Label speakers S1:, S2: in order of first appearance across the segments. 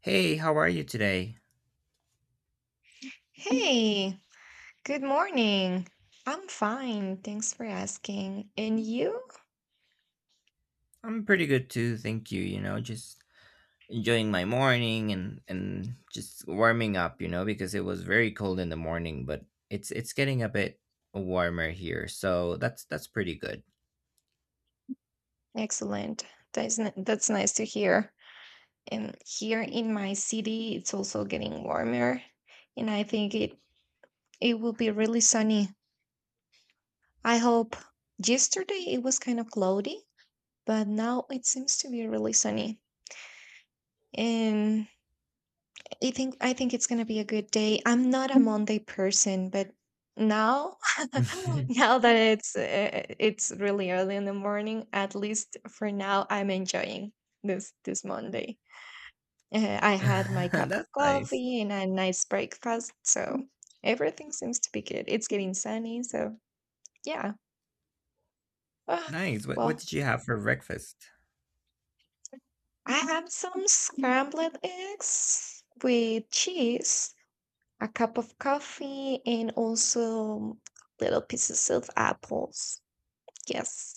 S1: Hey, how are you today?
S2: Hey, good morning. I'm fine. Thanks for asking. And you?
S1: I'm pretty good too, thank you. Just enjoying my morning and just warming up because it was very cold in the morning, but it's getting a bit warmer here. So that's pretty good.
S2: Excellent. That's nice to hear. And here in my city, it's also getting warmer, and I think it will be really sunny. I hope. Yesterday it was kind of cloudy, but now it seems to be really sunny. And I think it's gonna be a good day. I'm not a Monday person, but now. Now that it's really early in the morning, at least for now, I'm enjoying this Monday. I had my cup of
S1: That's nice.
S2: coffee and a nice breakfast, so everything seems to be good. It's getting sunny, so yeah. Ah,
S1: Nice. What
S2: well,
S1: did you have for breakfast?
S2: I had some scrambled eggs with cheese, a cup of coffee, and also little pieces of apples. Yes,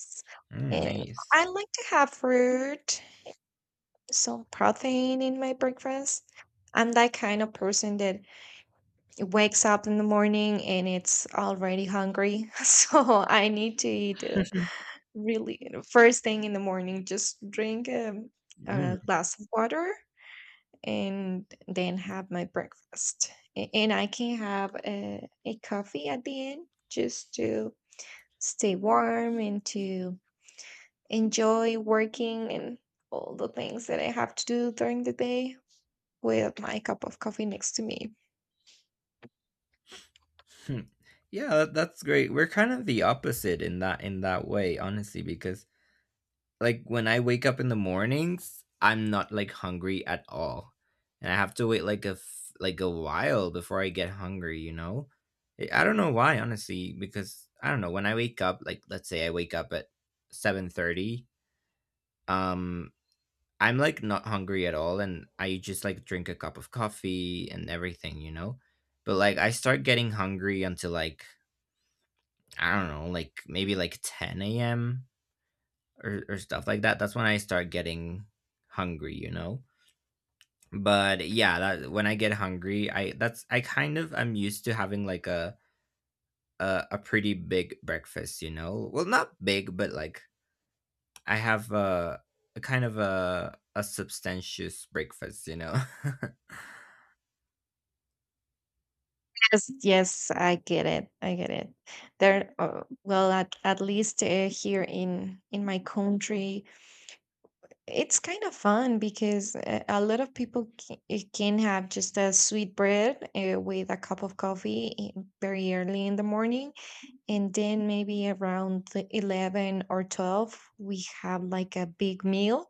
S1: Mm,
S2: and
S1: nice.
S2: I like to have fruit, some protein in my breakfast. I'm that kind of person that wakes up in the morning and it's already hungry. So I need to eat really first thing in the morning, just drink
S1: Mm,
S2: a glass of water and then have my breakfast. And I can have a coffee at the end just to stay warm and to enjoy working and all the things that I have to do during the day with my cup of coffee next to me.
S1: hmm. Yeah, that's great. We're kind of the opposite in that way, honestly, because like when I wake up in the mornings, I'm not like hungry at all, and I have to wait like like a while before I get hungry. I don't know why, honestly, because I don't know when I wake up. Like, let's say I wake up at 7:30. Um, I'm like not hungry at all, and I just like drink a cup of coffee and everything. You know, but like I start getting hungry until like I don't know, like maybe like 10 a.m. Or stuff like that. That's when I start getting hungry, you know? But yeah, that when I get hungry, I that's I kind of I'm used to having like a pretty big breakfast, you know? Well, not big, but like I have a kind of a substantious breakfast, you know?
S2: Yes, yes, I get it. I get it. At least here in my country, it's kind of fun because a lot of people can have just a sweet bread with a cup of coffee very early in the morning, and then maybe around the 11 or 12, we have like a big meal.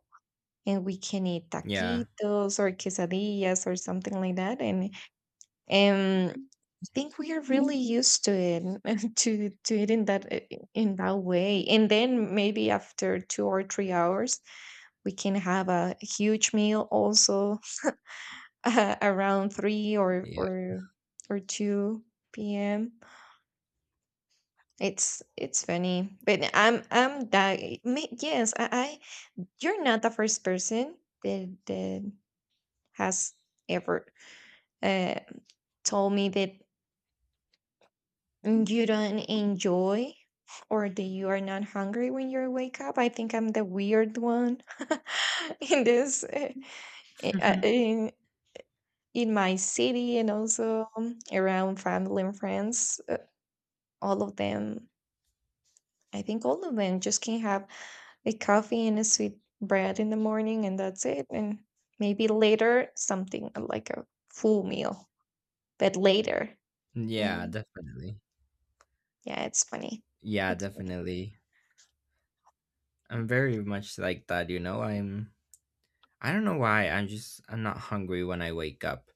S2: And we can eat
S1: Yeah.
S2: taquitos or quesadillas or something like that, and I think we are really used to it to it in that way. And then maybe after 2 or 3 hours, we can have a huge meal also around three or
S1: Yeah.
S2: or or two p.m. It's funny, but I'm that eh, me- yes I, you're not the first person that has ever uh, told me that, and you don't enjoy, or that you are not hungry when you wake up. I think I'm the weird one in i- uh, in, in my city, and also around family and friends. All of them, I think all of them, just can have a coffee and a sweet bread in the morning, and that's it. And maybe later something like a full meal, but later.
S1: Yeah,
S2: Mm,
S1: definitely.
S2: yeah, it's funny.
S1: Yeah,
S2: It's funny.
S1: definitely. I'm very much like that, you know? I don't know why I'm not hungry when I wake up.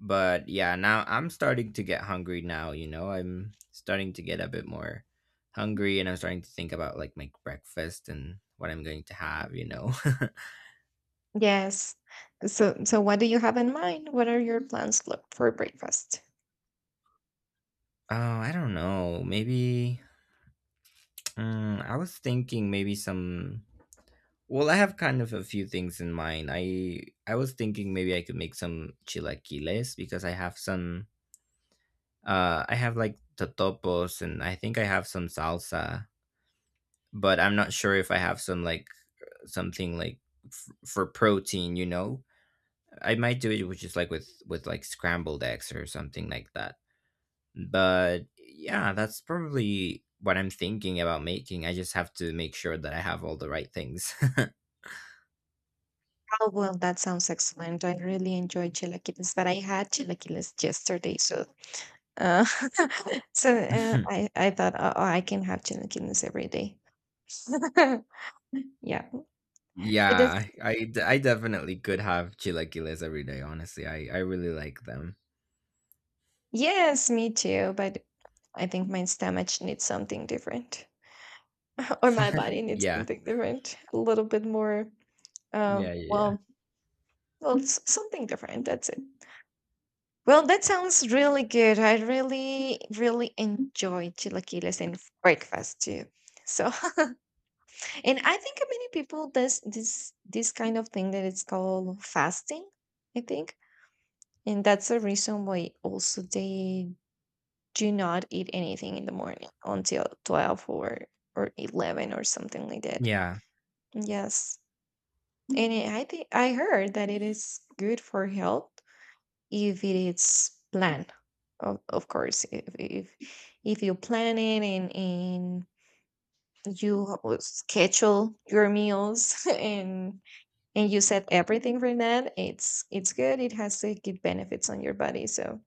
S1: But yeah, now I'm starting to get hungry now, you know. I'm starting to get a bit more hungry and I'm starting to think about like my breakfast and what I'm going to have, you know.
S2: Yes. So, so what do you have in mind? What are your plans for breakfast?
S1: Oh, I don't know. Maybe mm, I was thinking maybe some well, I have kind of a few things in mind. I was thinking maybe I could make some chilaquiles because I have some I have like totopos and I think I have some salsa, but I'm not sure if I have some like something like for protein, you know. I might do it, which is like with like scrambled eggs or something like that. But yeah, that's probably what I'm thinking about making. I just have to make sure that I have all the right things.
S2: Oh, well, that sounds excellent. I really enjoy chilaquiles, but I had chilaquiles yesterday, so uh, so I thought, oh, oh, I can have chilaquiles every day. Yeah, it is.
S1: Yeah, I definitely could have chilaquiles every day, honestly. I really like them.
S2: Yes, me too. But I think my stomach needs something different, or my body needs
S1: Yeah.
S2: something different, a little bit more. Um,
S1: Yeah, yeah, yeah.
S2: well, well, something different. That's it. Well, that sounds really good. I really, really enjoy chilaquiles and breakfast too. So, and I think many people does this kind of thing that it's called fasting, I think. And that's the reason why also they do not eat anything in the morning until 12 or 11 or something like that.
S1: Yeah.
S2: Yes. I think I heard that it is good for health if it is planned, of course, if if you plan it, and you schedule your meals and you set everything for that, it's good, it has to give benefits on your body. So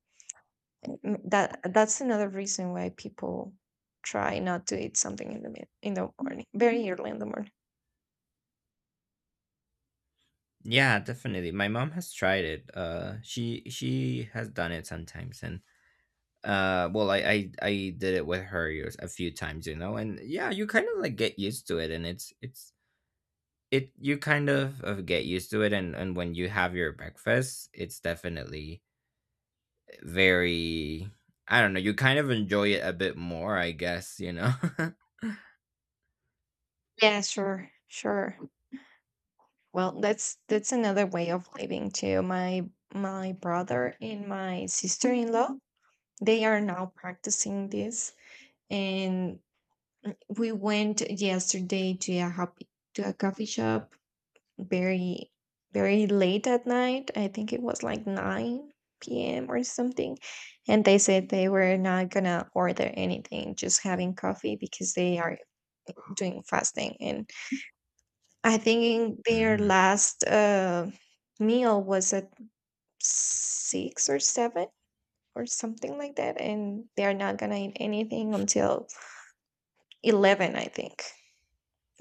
S2: mm, that's another reason why people try not to eat something in the morning, very early in the morning.
S1: Yeah, definitely. My mom has tried it. She has done it sometimes, and well, I did it with her a few times, you know. And yeah, you kind of like get used to it, and it you kind of get used to it. And when you have your breakfast, it's definitely very, I don't know, you kind of enjoy it a bit more, I guess, you know.
S2: Yeah, sure, sure. Well, that's another way of living too. My brother and my sister-in-law, they are now practicing this. And we went yesterday to a coffee shop very, very late at night. I think it was like 9 p.m. or something. And they said they were not gonna order anything, just having coffee because they are doing fasting. And I think their
S1: Mm.
S2: last meal was at six or seven or something like that. And they are not going to eat anything until 11, I think.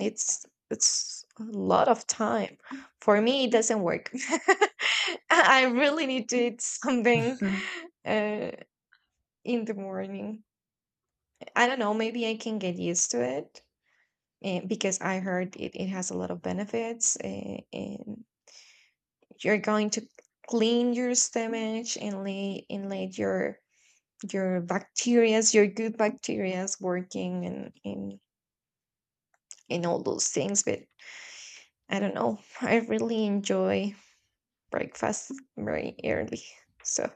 S2: It's a lot of time. For me it doesn't work. I really need to eat something, uh, in the morning. I don't know, maybe I can get used to it, because I heard it, it has a lot of benefits, and you're going to clean your stomach and lay and let your bacterias your good bacterias working, and all those things. But I don't know. I really enjoy breakfast very early, so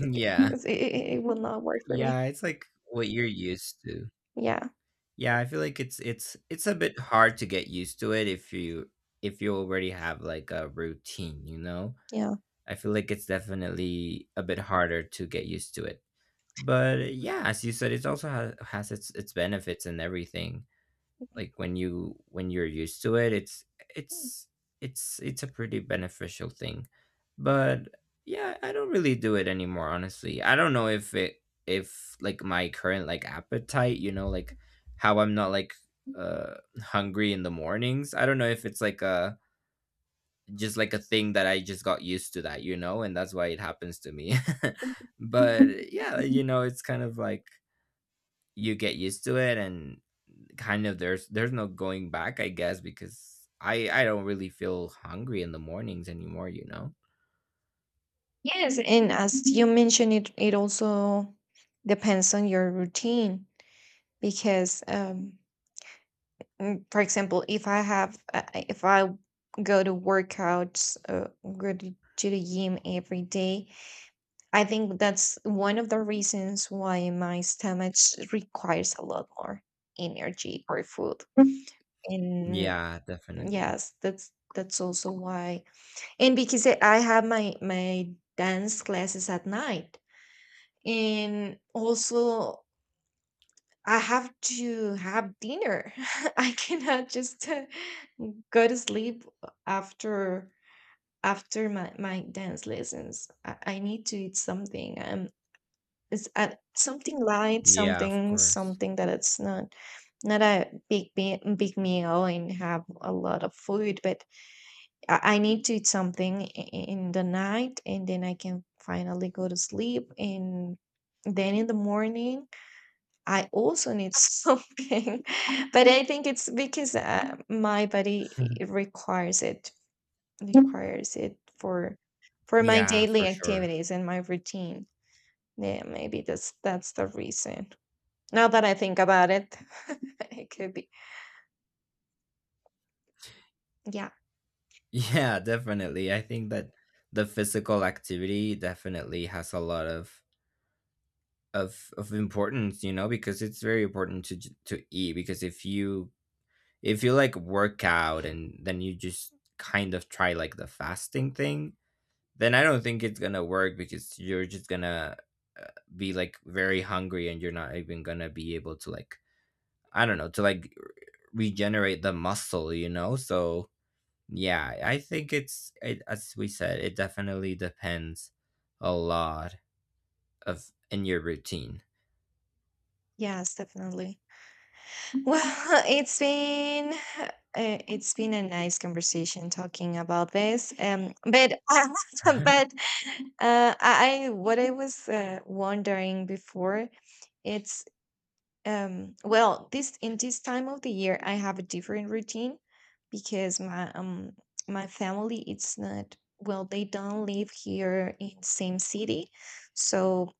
S2: like, it will not work for me.
S1: Yeah, it's like what you're used to.
S2: Yeah,
S1: Yeah, I feel like it's a bit hard to get used to it if you already have like a routine, you know.
S2: yeah.
S1: I feel like it's definitely a bit harder to get used to it. But yeah, as you said, it also has its benefits and everything. Like when you're used to it, it's it's a pretty beneficial thing. But yeah, I don't really do it anymore, honestly. I don't know if it, if like my current like appetite, you know, like how I'm not like uh hungry in the mornings. I don't know if it's like a just like a thing that I just got used to that, you know, and that's why it happens to me. But yeah, you know, it's kind of like you get used to it, and kind of there's no going back, I guess, because I don't really feel hungry in the mornings anymore, you know.
S2: Yes, and as you mentioned, it also depends on your routine because, for example, if I go to workouts, go to the gym every day, I think that's one of the reasons why my stomach requires a lot more energy for food. And
S1: Yeah, definitely.
S2: yes, that's also why. And because I have my dance classes at night. And also I have to have dinner. I cannot just go to sleep after my dance lessons. I need to eat something. It's Something light,
S1: Yeah, of course.
S2: something that it's not not a big meal and have a lot of food, but I need to eat something in the night, and then I can finally go to sleep. And then in the morning, I also need something, but I think it's because my requires it, requires it for my
S1: Yeah, for
S2: daily
S1: sure.
S2: activities and my routine. Yeah, maybe that's the reason. Now that I think about it, it could be. Yeah.
S1: Yeah, definitely. I think that the physical activity definitely has a lot of of importance, you know, because it's very important to to eat because if you like work out and then you just kind of try like the fasting thing, then I don't think it's going to work because you're just going to uh, be like very hungry, and you're not even going to be able to like I don't know, to like regenerate the muscle, you know? So yeah, I think as we said, it definitely depends a lot of in your routine.
S2: Yes, definitely. Well, it's been uh, it's been a nice conversation talking about this. But but what I was wondering before, it's well, this time of the year I have a different routine, because my family, it's not well they don't live here in same city, so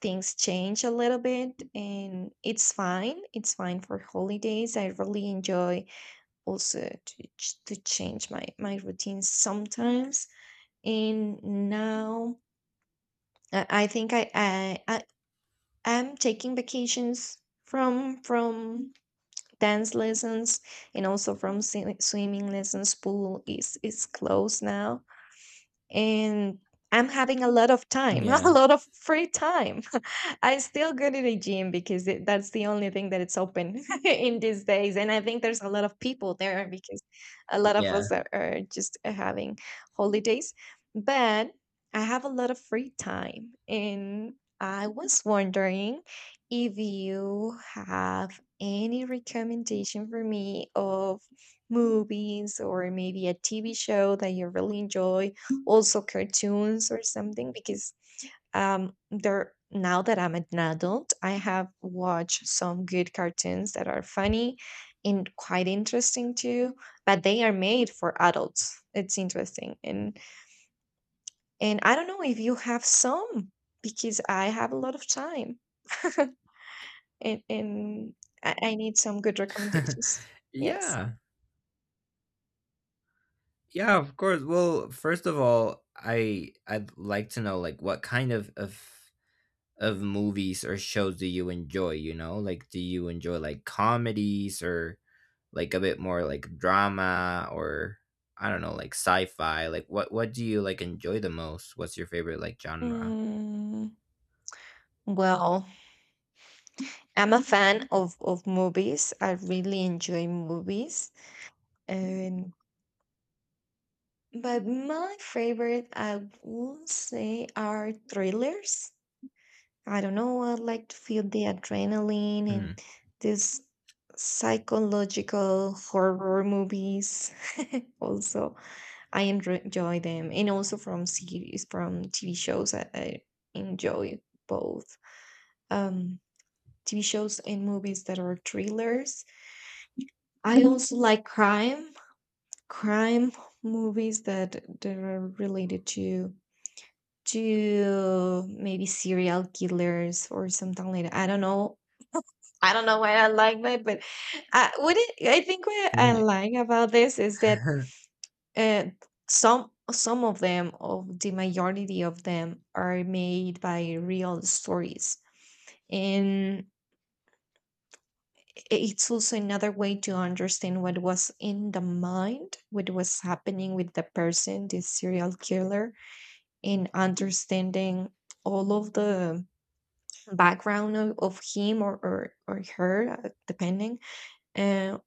S2: things change a little bit, and it's fine. It's fine for holidays. I really enjoy also to change my my routine sometimes. And now I think I am taking vacations from dance lessons, and also from swimming lessons. Pool is closed now, and I'm having a lot of time, a
S1: Yeah.
S2: lot of free time. I still go to the gym because that's the only thing that it's open in these days. And I think there's a lot of people there because a lot of
S1: Yeah.
S2: us are just having holidays. But I have a lot of free time. And I was wondering if you have any recommendation for me of movies, or maybe a TV show that you really enjoy, also cartoons or something. Because there now that I'm an adult, I have watched some good cartoons that are funny and quite interesting too, but they are made for adults. It's interesting. And I don't know if you have some, because I have a lot of time. And I need some good recommendations. Yes.
S1: Yeah. Yeah, of course. Well, first of all, I I'd like to know like what kind of of movies or shows do you enjoy, you know? Like do you enjoy like comedies or like a bit more like drama or I don't know, like sci-fi? Like what do you like enjoy the most? What's your favorite like genre?
S2: Mm, well, I'm a fan of movies. I really enjoy movies. And but my favorite, I would say, are thrillers. I don't know, I like to feel the adrenaline,
S1: Hmm.
S2: and these psychological horror movies. Also, I enjoy them, and also from series, from TV shows, I enjoy both um, TV shows and movies that are thrillers. I also like crime movies that that are related to maybe serial killers or something like that. I don't know. I don't know why I like that, but I think what I
S1: Yeah.
S2: like about this is that uh, some of them, of the majority of them, are made by real stories, and it's also another way to understand what was in the mind, what was happening with the person, the serial killer, and understanding all of the background of him, or her, depending, uh,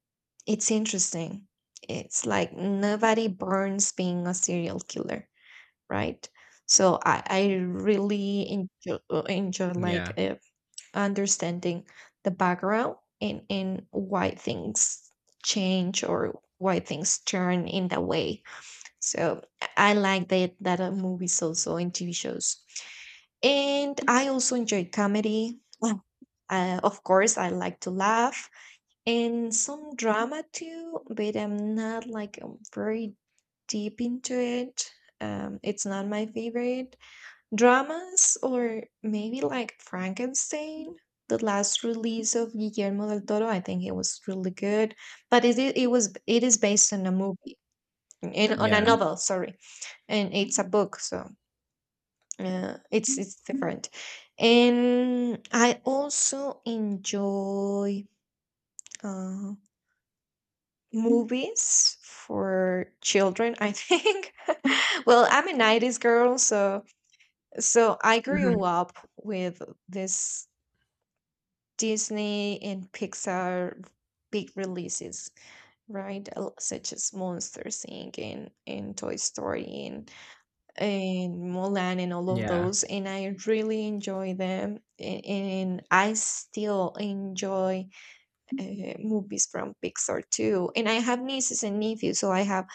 S2: it's interesting. It's like nobody burns being a serial killer, right? So I really enjoy like
S1: Yeah.
S2: understanding the background and why things change, or why things turn in that way. So I like that movies also and TV shows. And I also enjoy comedy. Well, of course, I like to laugh, and some drama too, but I'm not like very deep into it. It's not my favorite dramas, or maybe like Frankenstein, the last release of Guillermo del Toro. I think it was really good, but it I- it was it is based on a movie and on a
S1: Yeah.
S2: novel. Sorry, and it's a book, so yeah, it's different. And I also enjoy uh, movies for children, I think. Well, I'm a 90s girl, so I
S1: Mhm.
S2: grew up with this Disney and Pixar big releases, right? Such as Monsters Inc. and Toy Story and Mulan and all of
S1: Yeah.
S2: those, and I really enjoy them. And I still enjoy movies from Pixar too. And I have nieces and nephews, so I have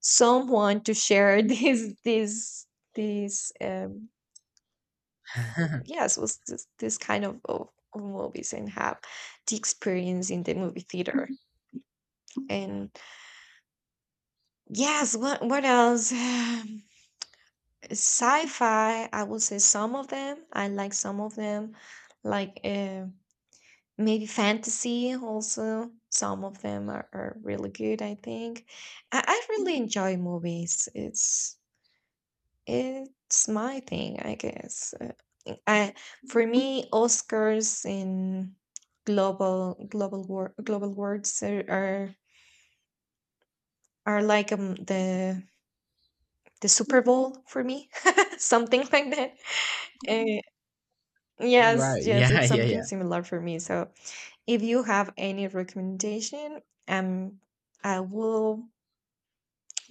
S2: someone to share this. Yes, was this kind of, of movies and have the experience in the movie theater. And yes, what else? Sci-fi, I would say some of them. I like some of them, like maybe fantasy also. Some of them are really good, I think. I really enjoy movies. It's my thing, I guess. I For me, Oscars in global words are like the Super Bowl for me, something like that.
S1: Right.
S2: Yes, yes,
S1: Yeah,
S2: it's something
S1: yeah.
S2: similar for me. So if you have any recommendation, um, I will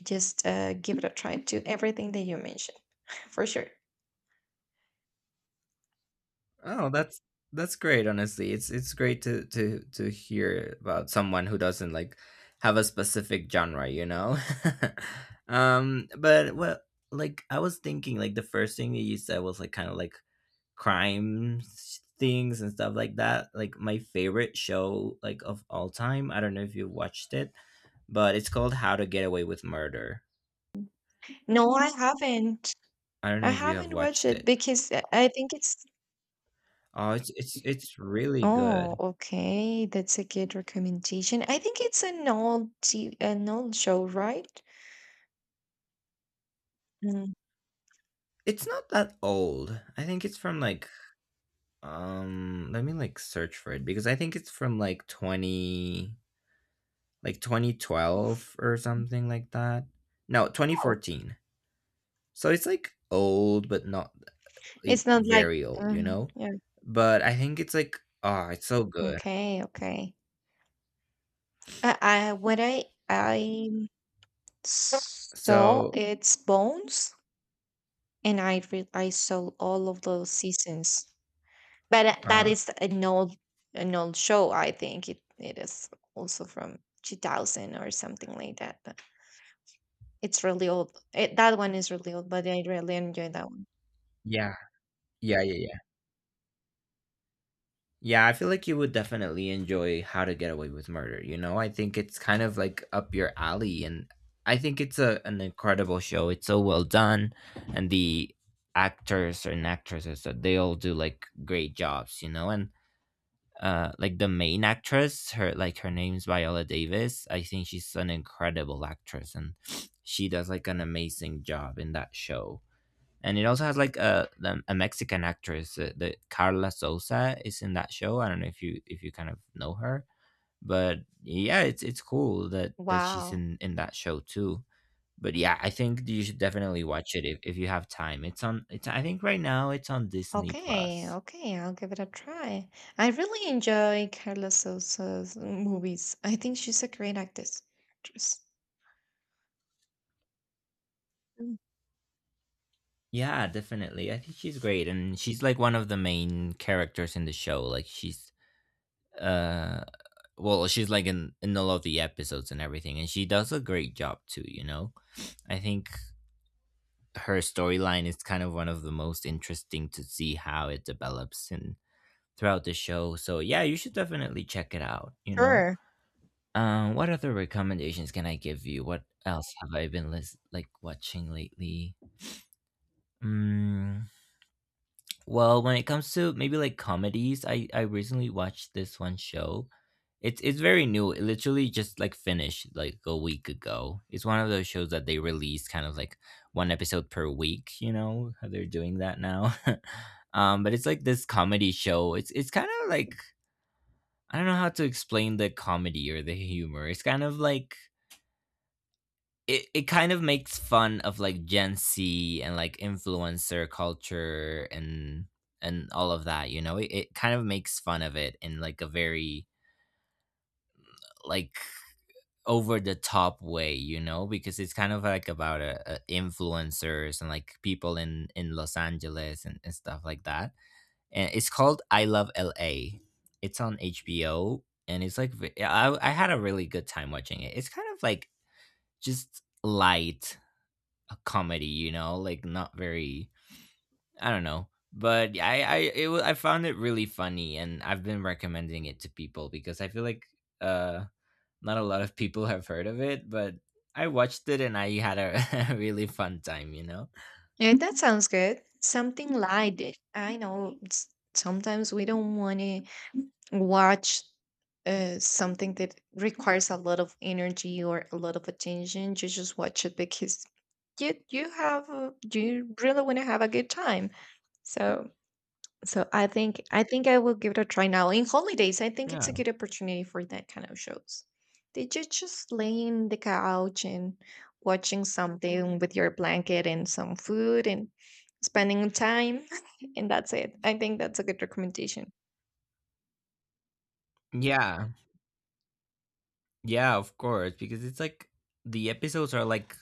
S2: just give it a try to everything that you mentioned for sure.
S1: Oh, that's great. Honestly, it's great to to hear about someone who doesn't like have a specific genre, you know. Um, but well, like I was thinking, like the first thing that you said was like kind of like crime things and stuff like that. Like my favorite show, like of all time. I don't know if you watched it, but it's called How to Get Away with Murder.
S2: No, I haven't.
S1: I don't know
S2: I
S1: if you have
S2: haven't watched
S1: watched
S2: it
S1: it.
S2: because I think it's.
S1: Oh, it's really good.
S2: Oh, okay, that's a good recommendation. I think it's an old show, right? Mm.
S1: It's not that old. I think it's from like um, let me like search for it because I think it's from like 20 like 2012 or something like that. No,
S2: Oh,
S1: 2014. So it's like old but not like
S2: it's not like.
S1: very old,
S2: uh
S1: you know?
S2: yeah.
S1: But I think it's like, oh, it's so good.
S2: Okay. Okay. I what I So
S1: So,
S2: its bones and I saw all of those seasons. But that
S1: uh,
S2: is an old show. I think it is also from 2000 or something like that. But it's really old. It, that one is really old, but I really enjoy that one.
S1: yeah. Yeah, yeah, yeah. Yeah, I feel like you would definitely enjoy How to Get Away with Murder. You know, I think it's kind of like up your alley, and I think it's a an incredible show. It's so well done, and the actors and actresses that they all do like great jobs. You know, and like the main actress, her like her name's Viola Davis. I think she's an incredible actress, and she does like an amazing job in that show, and it also has like a Mexican actress, the Carla Sosa is in that show. I don't know if you kind of know her, but yeah, it's cool that she's
S2: Wow.
S1: in that show too. But yeah, I think you should definitely watch it if you have time. It's on. It's I think right now it's on Disney
S2: Okay,
S1: Plus.
S2: okay, I'll give it a try. I really enjoy Carla Sosa's movies. I think she's a great actress. Actress. Mm.
S1: Yeah, definitely. I think she's great, and she's like one of the main characters in the show. Like she's uh well, she's like in all of the episodes and everything, and she does a great job too, you know. I think her storyline is kind of one of the most interesting to see how it develops and throughout the show. So yeah, you should definitely check it out. You know,
S2: Sure.
S1: what other recommendations can I give you? What else have I been like watching lately? Mm, well, when it comes to maybe like comedies, I recently watched this one show. It's very new. It literally just like finished like a week ago. It's one of those shows that they release kind of like one episode per week, you know, how they're doing that now. Um, but it's like this comedy show. It's kind of like I don't know how to explain the comedy or the humor. It's kind of like it kind of makes fun of like Gen Z and like influencer culture and all of that, you know? It kind of makes fun of it in like a very like over the top way, you know, because it's kind of like about influencers and like people in Los Angeles and stuff like that. And it's called I Love LA. It's on HBO, and it's like I had a really good time watching it. It's kind of like just light a comedy, you know, like not very, I don't know. But yeah, I found it really funny, and I've been recommending it to people because I feel like uh not a lot of people have heard of it, but I watched it and I had a really fun time, you know.
S2: Yeah, that sounds good. Something light. Eh, I know sometimes we don't want to watch something that requires a lot of energy or a lot of attention. You just watch it because you you really want to have a good time. So So I think I think I will give it a try now. In holidays, I think it's a
S1: Yeah.
S2: good opportunity for that kind of shows. Did you just lay in the couch and watching something with your blanket and some food and spending time? And that's it. I think that's a good recommendation.
S1: Yeah. Yeah, of course, because it's like the episodes are like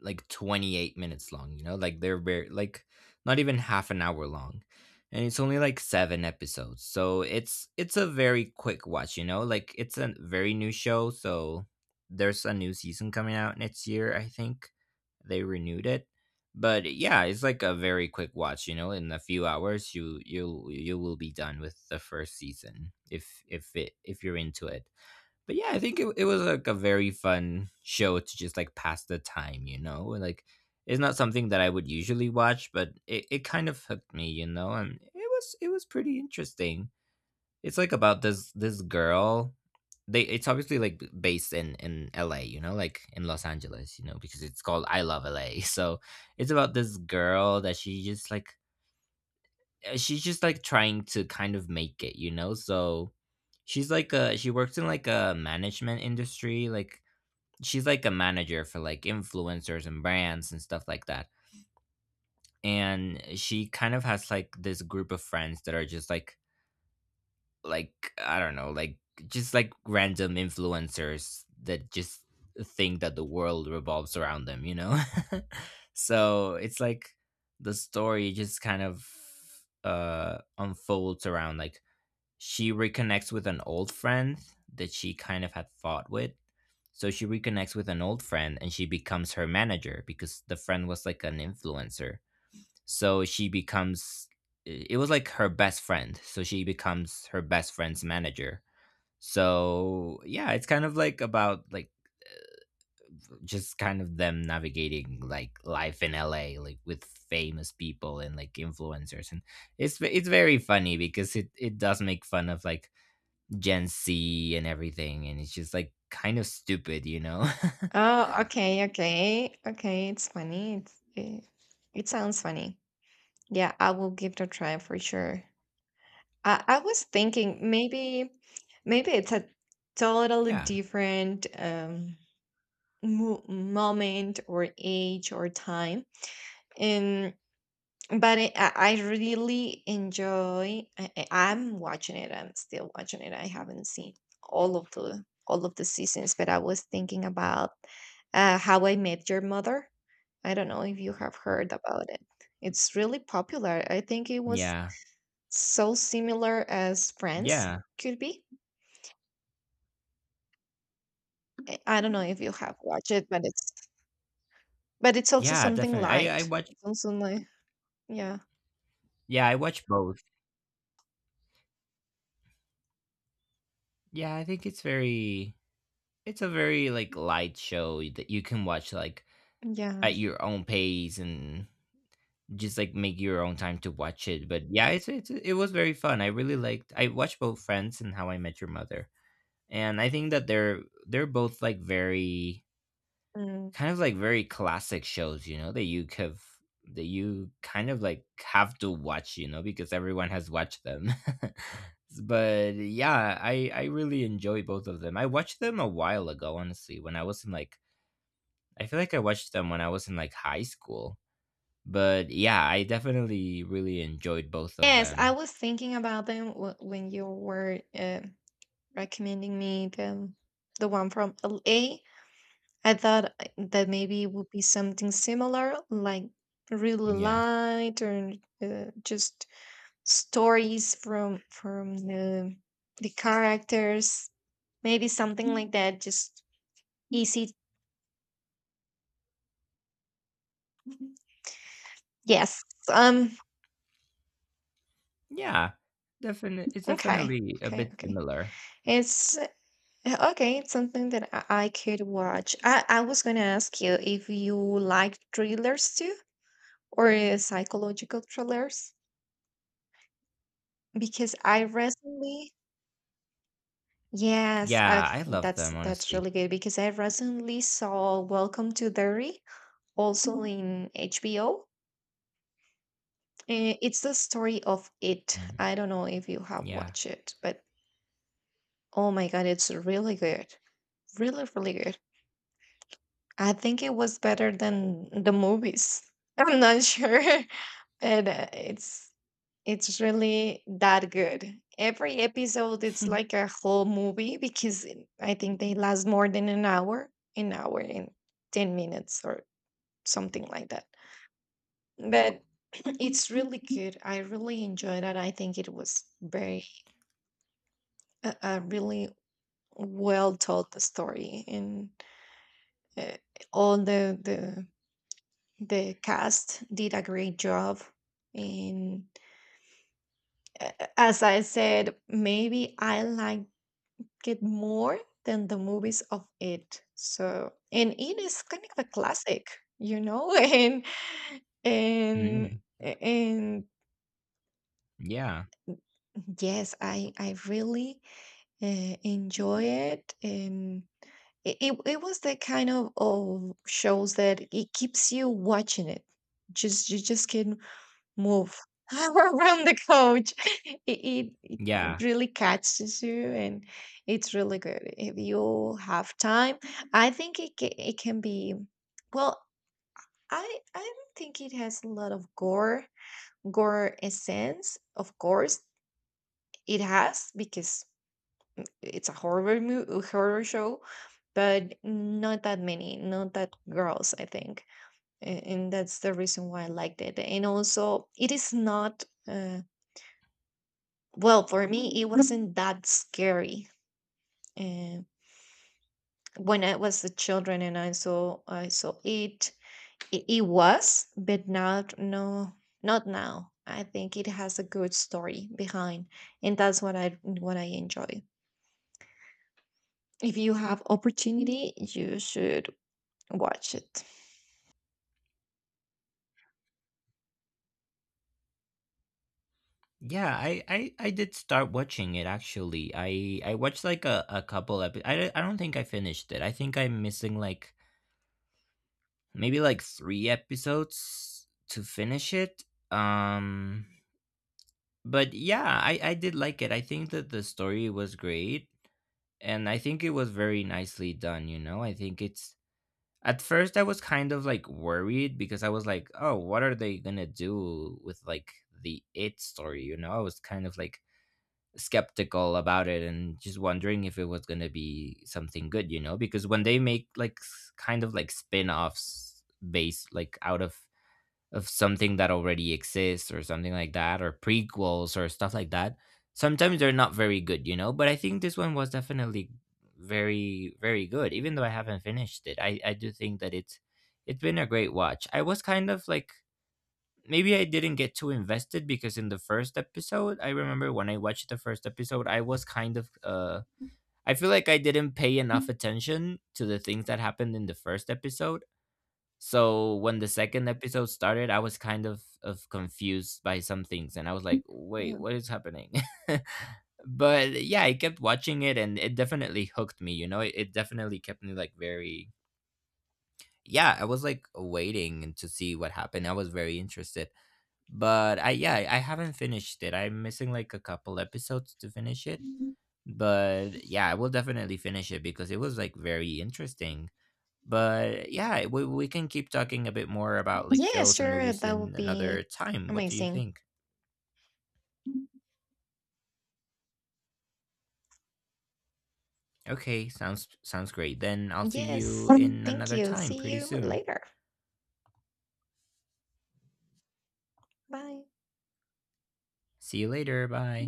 S1: like 28 minutes long. They're very like not even half an hour long, and it's only like seven episodes, so it's a very quick watch, you know? Like it's a very new show, so there's a new season coming out next year, I think. They renewed it. But yeah, it's like a very quick watch, you know? In a few hours you will be done with the first season if you're into it. But yeah, I think it was like a very fun show to just like pass the time, you know? Like it's not something that I would usually watch, but it kind of hooked me, you know, and it was pretty interesting. It's like about this girl. They It's obviously like based in LA, you know, like in Los Angeles, you know, because it's called I Love LA. So it's about this girl that she just like she's just like trying to kind of make it, you know? So she works in like a management industry, like she's like a manager for like influencers and brands and stuff like that. And she kind of has like this group of friends that are just like I don't know, like just like random influencers that just think that the world revolves around them, you know? So it's like the story just kind of unfolds around like she reconnects with an old friend that she kind of had fought with. So she reconnects with an old friend and she becomes her manager because the friend was like an influencer. So she becomes it was like her best friend. So she becomes her best friend's manager. So yeah, it's kind of like about like just kind of them navigating like life in LA, like with famous people and like influencers. And it's very funny because it does make fun of like Gen Z and everything, and it's just like kind of stupid, you know?
S2: Oh, okay, okay, okay. It's funny. It sounds funny. Yeah, I will give it a try for sure. I was thinking maybe maybe it's a totally
S1: Yeah.
S2: different moment or age or time and but it, I really enjoy I'm watching it. I'm still watching it. I haven't seen all of the seasons, but I was thinking about How I Met Your Mother. I don't know if you have heard about it. It's really popular. I think it was
S1: Yeah.
S2: so similar as Friends
S1: Yeah.
S2: could be. I don't know if you have watched it, but it's also
S1: Yeah,
S2: something
S1: definitely.
S2: light. It's also like yeah.
S1: I watch both. Yeah, I think it's very it's a very like light show that you can watch like
S2: Yeah.
S1: at your own pace and just like make your own time to watch it. But yeah, it's it was very fun. I really liked I watched both Friends and How I Met Your Mother. And I think that they're both like very
S2: Mm.
S1: kind of like very classic shows, you know, that you have that you kind of like have to watch, you know, because everyone has watched them. But yeah, I really enjoy both of them. I watched them a while ago, honestly, when I was in like I feel like I watched them when I was in like high school. But yeah, I definitely really enjoyed both of
S2: Yes, I
S1: them.
S2: was thinking about them when you were recommending me the one from LA. Thought that maybe it would be something similar, like really
S1: Yeah.
S2: light or just stories from the characters, maybe something like that. Just easy. Yes. Um.
S1: Yeah. Definitely it's
S2: Okay.
S1: definitely a
S2: Okay.
S1: bit
S2: Okay.
S1: similar.
S2: It's Okay, it's something that I could watch. I was gonna ask you if you like thrillers too, or psychological thrillers, because I recently, yes,
S1: Yeah, I love them
S2: that's
S1: honestly.
S2: really good because I recently saw Welcome to Derry, also in HBO. It's the story of It.
S1: Mm,
S2: I don't know if you have
S1: yeah.
S2: watched it, but oh my God, it's really good, really, really good. I think it was better than the movies. I'm not sure. And it's really that good. Every episode it's like a whole movie because I think they last more than an hour and 10 minutes or something like that. But it's really good. I really enjoyed it. I think it was very a really well told story and uh, all the cast did a great job and a- as I said, maybe I like get more than the movies of it. So, and it is kind of a classic, you know, and and
S1: Mm,
S2: and
S1: yeah.
S2: yes, I really enjoy it, and it was the kind of shows that it keeps you watching it. Just you just can't move around the couch. It
S1: Yeah.
S2: really catches you and it's really good. If you have time, I think it can be, well, I don't think it has a lot of gore, gore essence. Of course, it has because it's a horror show, but not that many, not that girls, I think. And that's the reason why I liked it. And also, it is not. Well, for me, it wasn't that scary. Uh, when I was a children and I saw it, it, it was, but not no, not now. I think it has a good story behind, and that's what I enjoy. If you have opportunity, you should watch it.
S1: Yeah, I did start watching it actually. I watched like a couple episodes. I don't think I finished it. I think I'm missing like maybe like 3 episodes to finish it. Um but yeah, I did like it. I think that the story was great, and I think it was very nicely done, you know? I think it's at first I was kind of like worried because I was like, "Oh, what are they going to do with like the it story?" You know? I was kind of like skeptical about it and just wondering if it was going to be something good, you know, because when they make kind of like spin-offs based like out of something that already exists or something like that, or prequels or stuff like that, sometimes they're not very good, you know. But I think this one was definitely very good, even though I haven't finished it. I do think that it's been a great watch. I was kind of like maybe I didn't get too invested because in the first episode, I remember when I watched the first episode, I was kind of I feel like I didn't pay enough attention to the things that happened in the first episode. So when the second episode started, I was kind of confused by some things and I was like,
S2: Yeah.
S1: "Wait, what is happening?" But yeah, I kept watching it and it definitely hooked me, you know? It definitely kept me like very yeah, I was like waiting to see what happened. I was very interested, but I yeah, I haven't finished it. I'm missing like a couple episodes to finish it, but yeah, I will definitely finish it because it was like very interesting. But yeah, we can keep talking a bit more about like
S2: Yeah,
S1: shows and
S2: sure,
S1: movies
S2: that
S1: in
S2: would be
S1: another time. What do you
S2: amazing.
S1: think? Okay, sounds sounds great. Then I'll see
S2: Yes,
S1: you in
S2: thank
S1: another
S2: you.
S1: time
S2: See
S1: pretty
S2: you
S1: soon.
S2: later. Bye.
S1: See you later. Bye.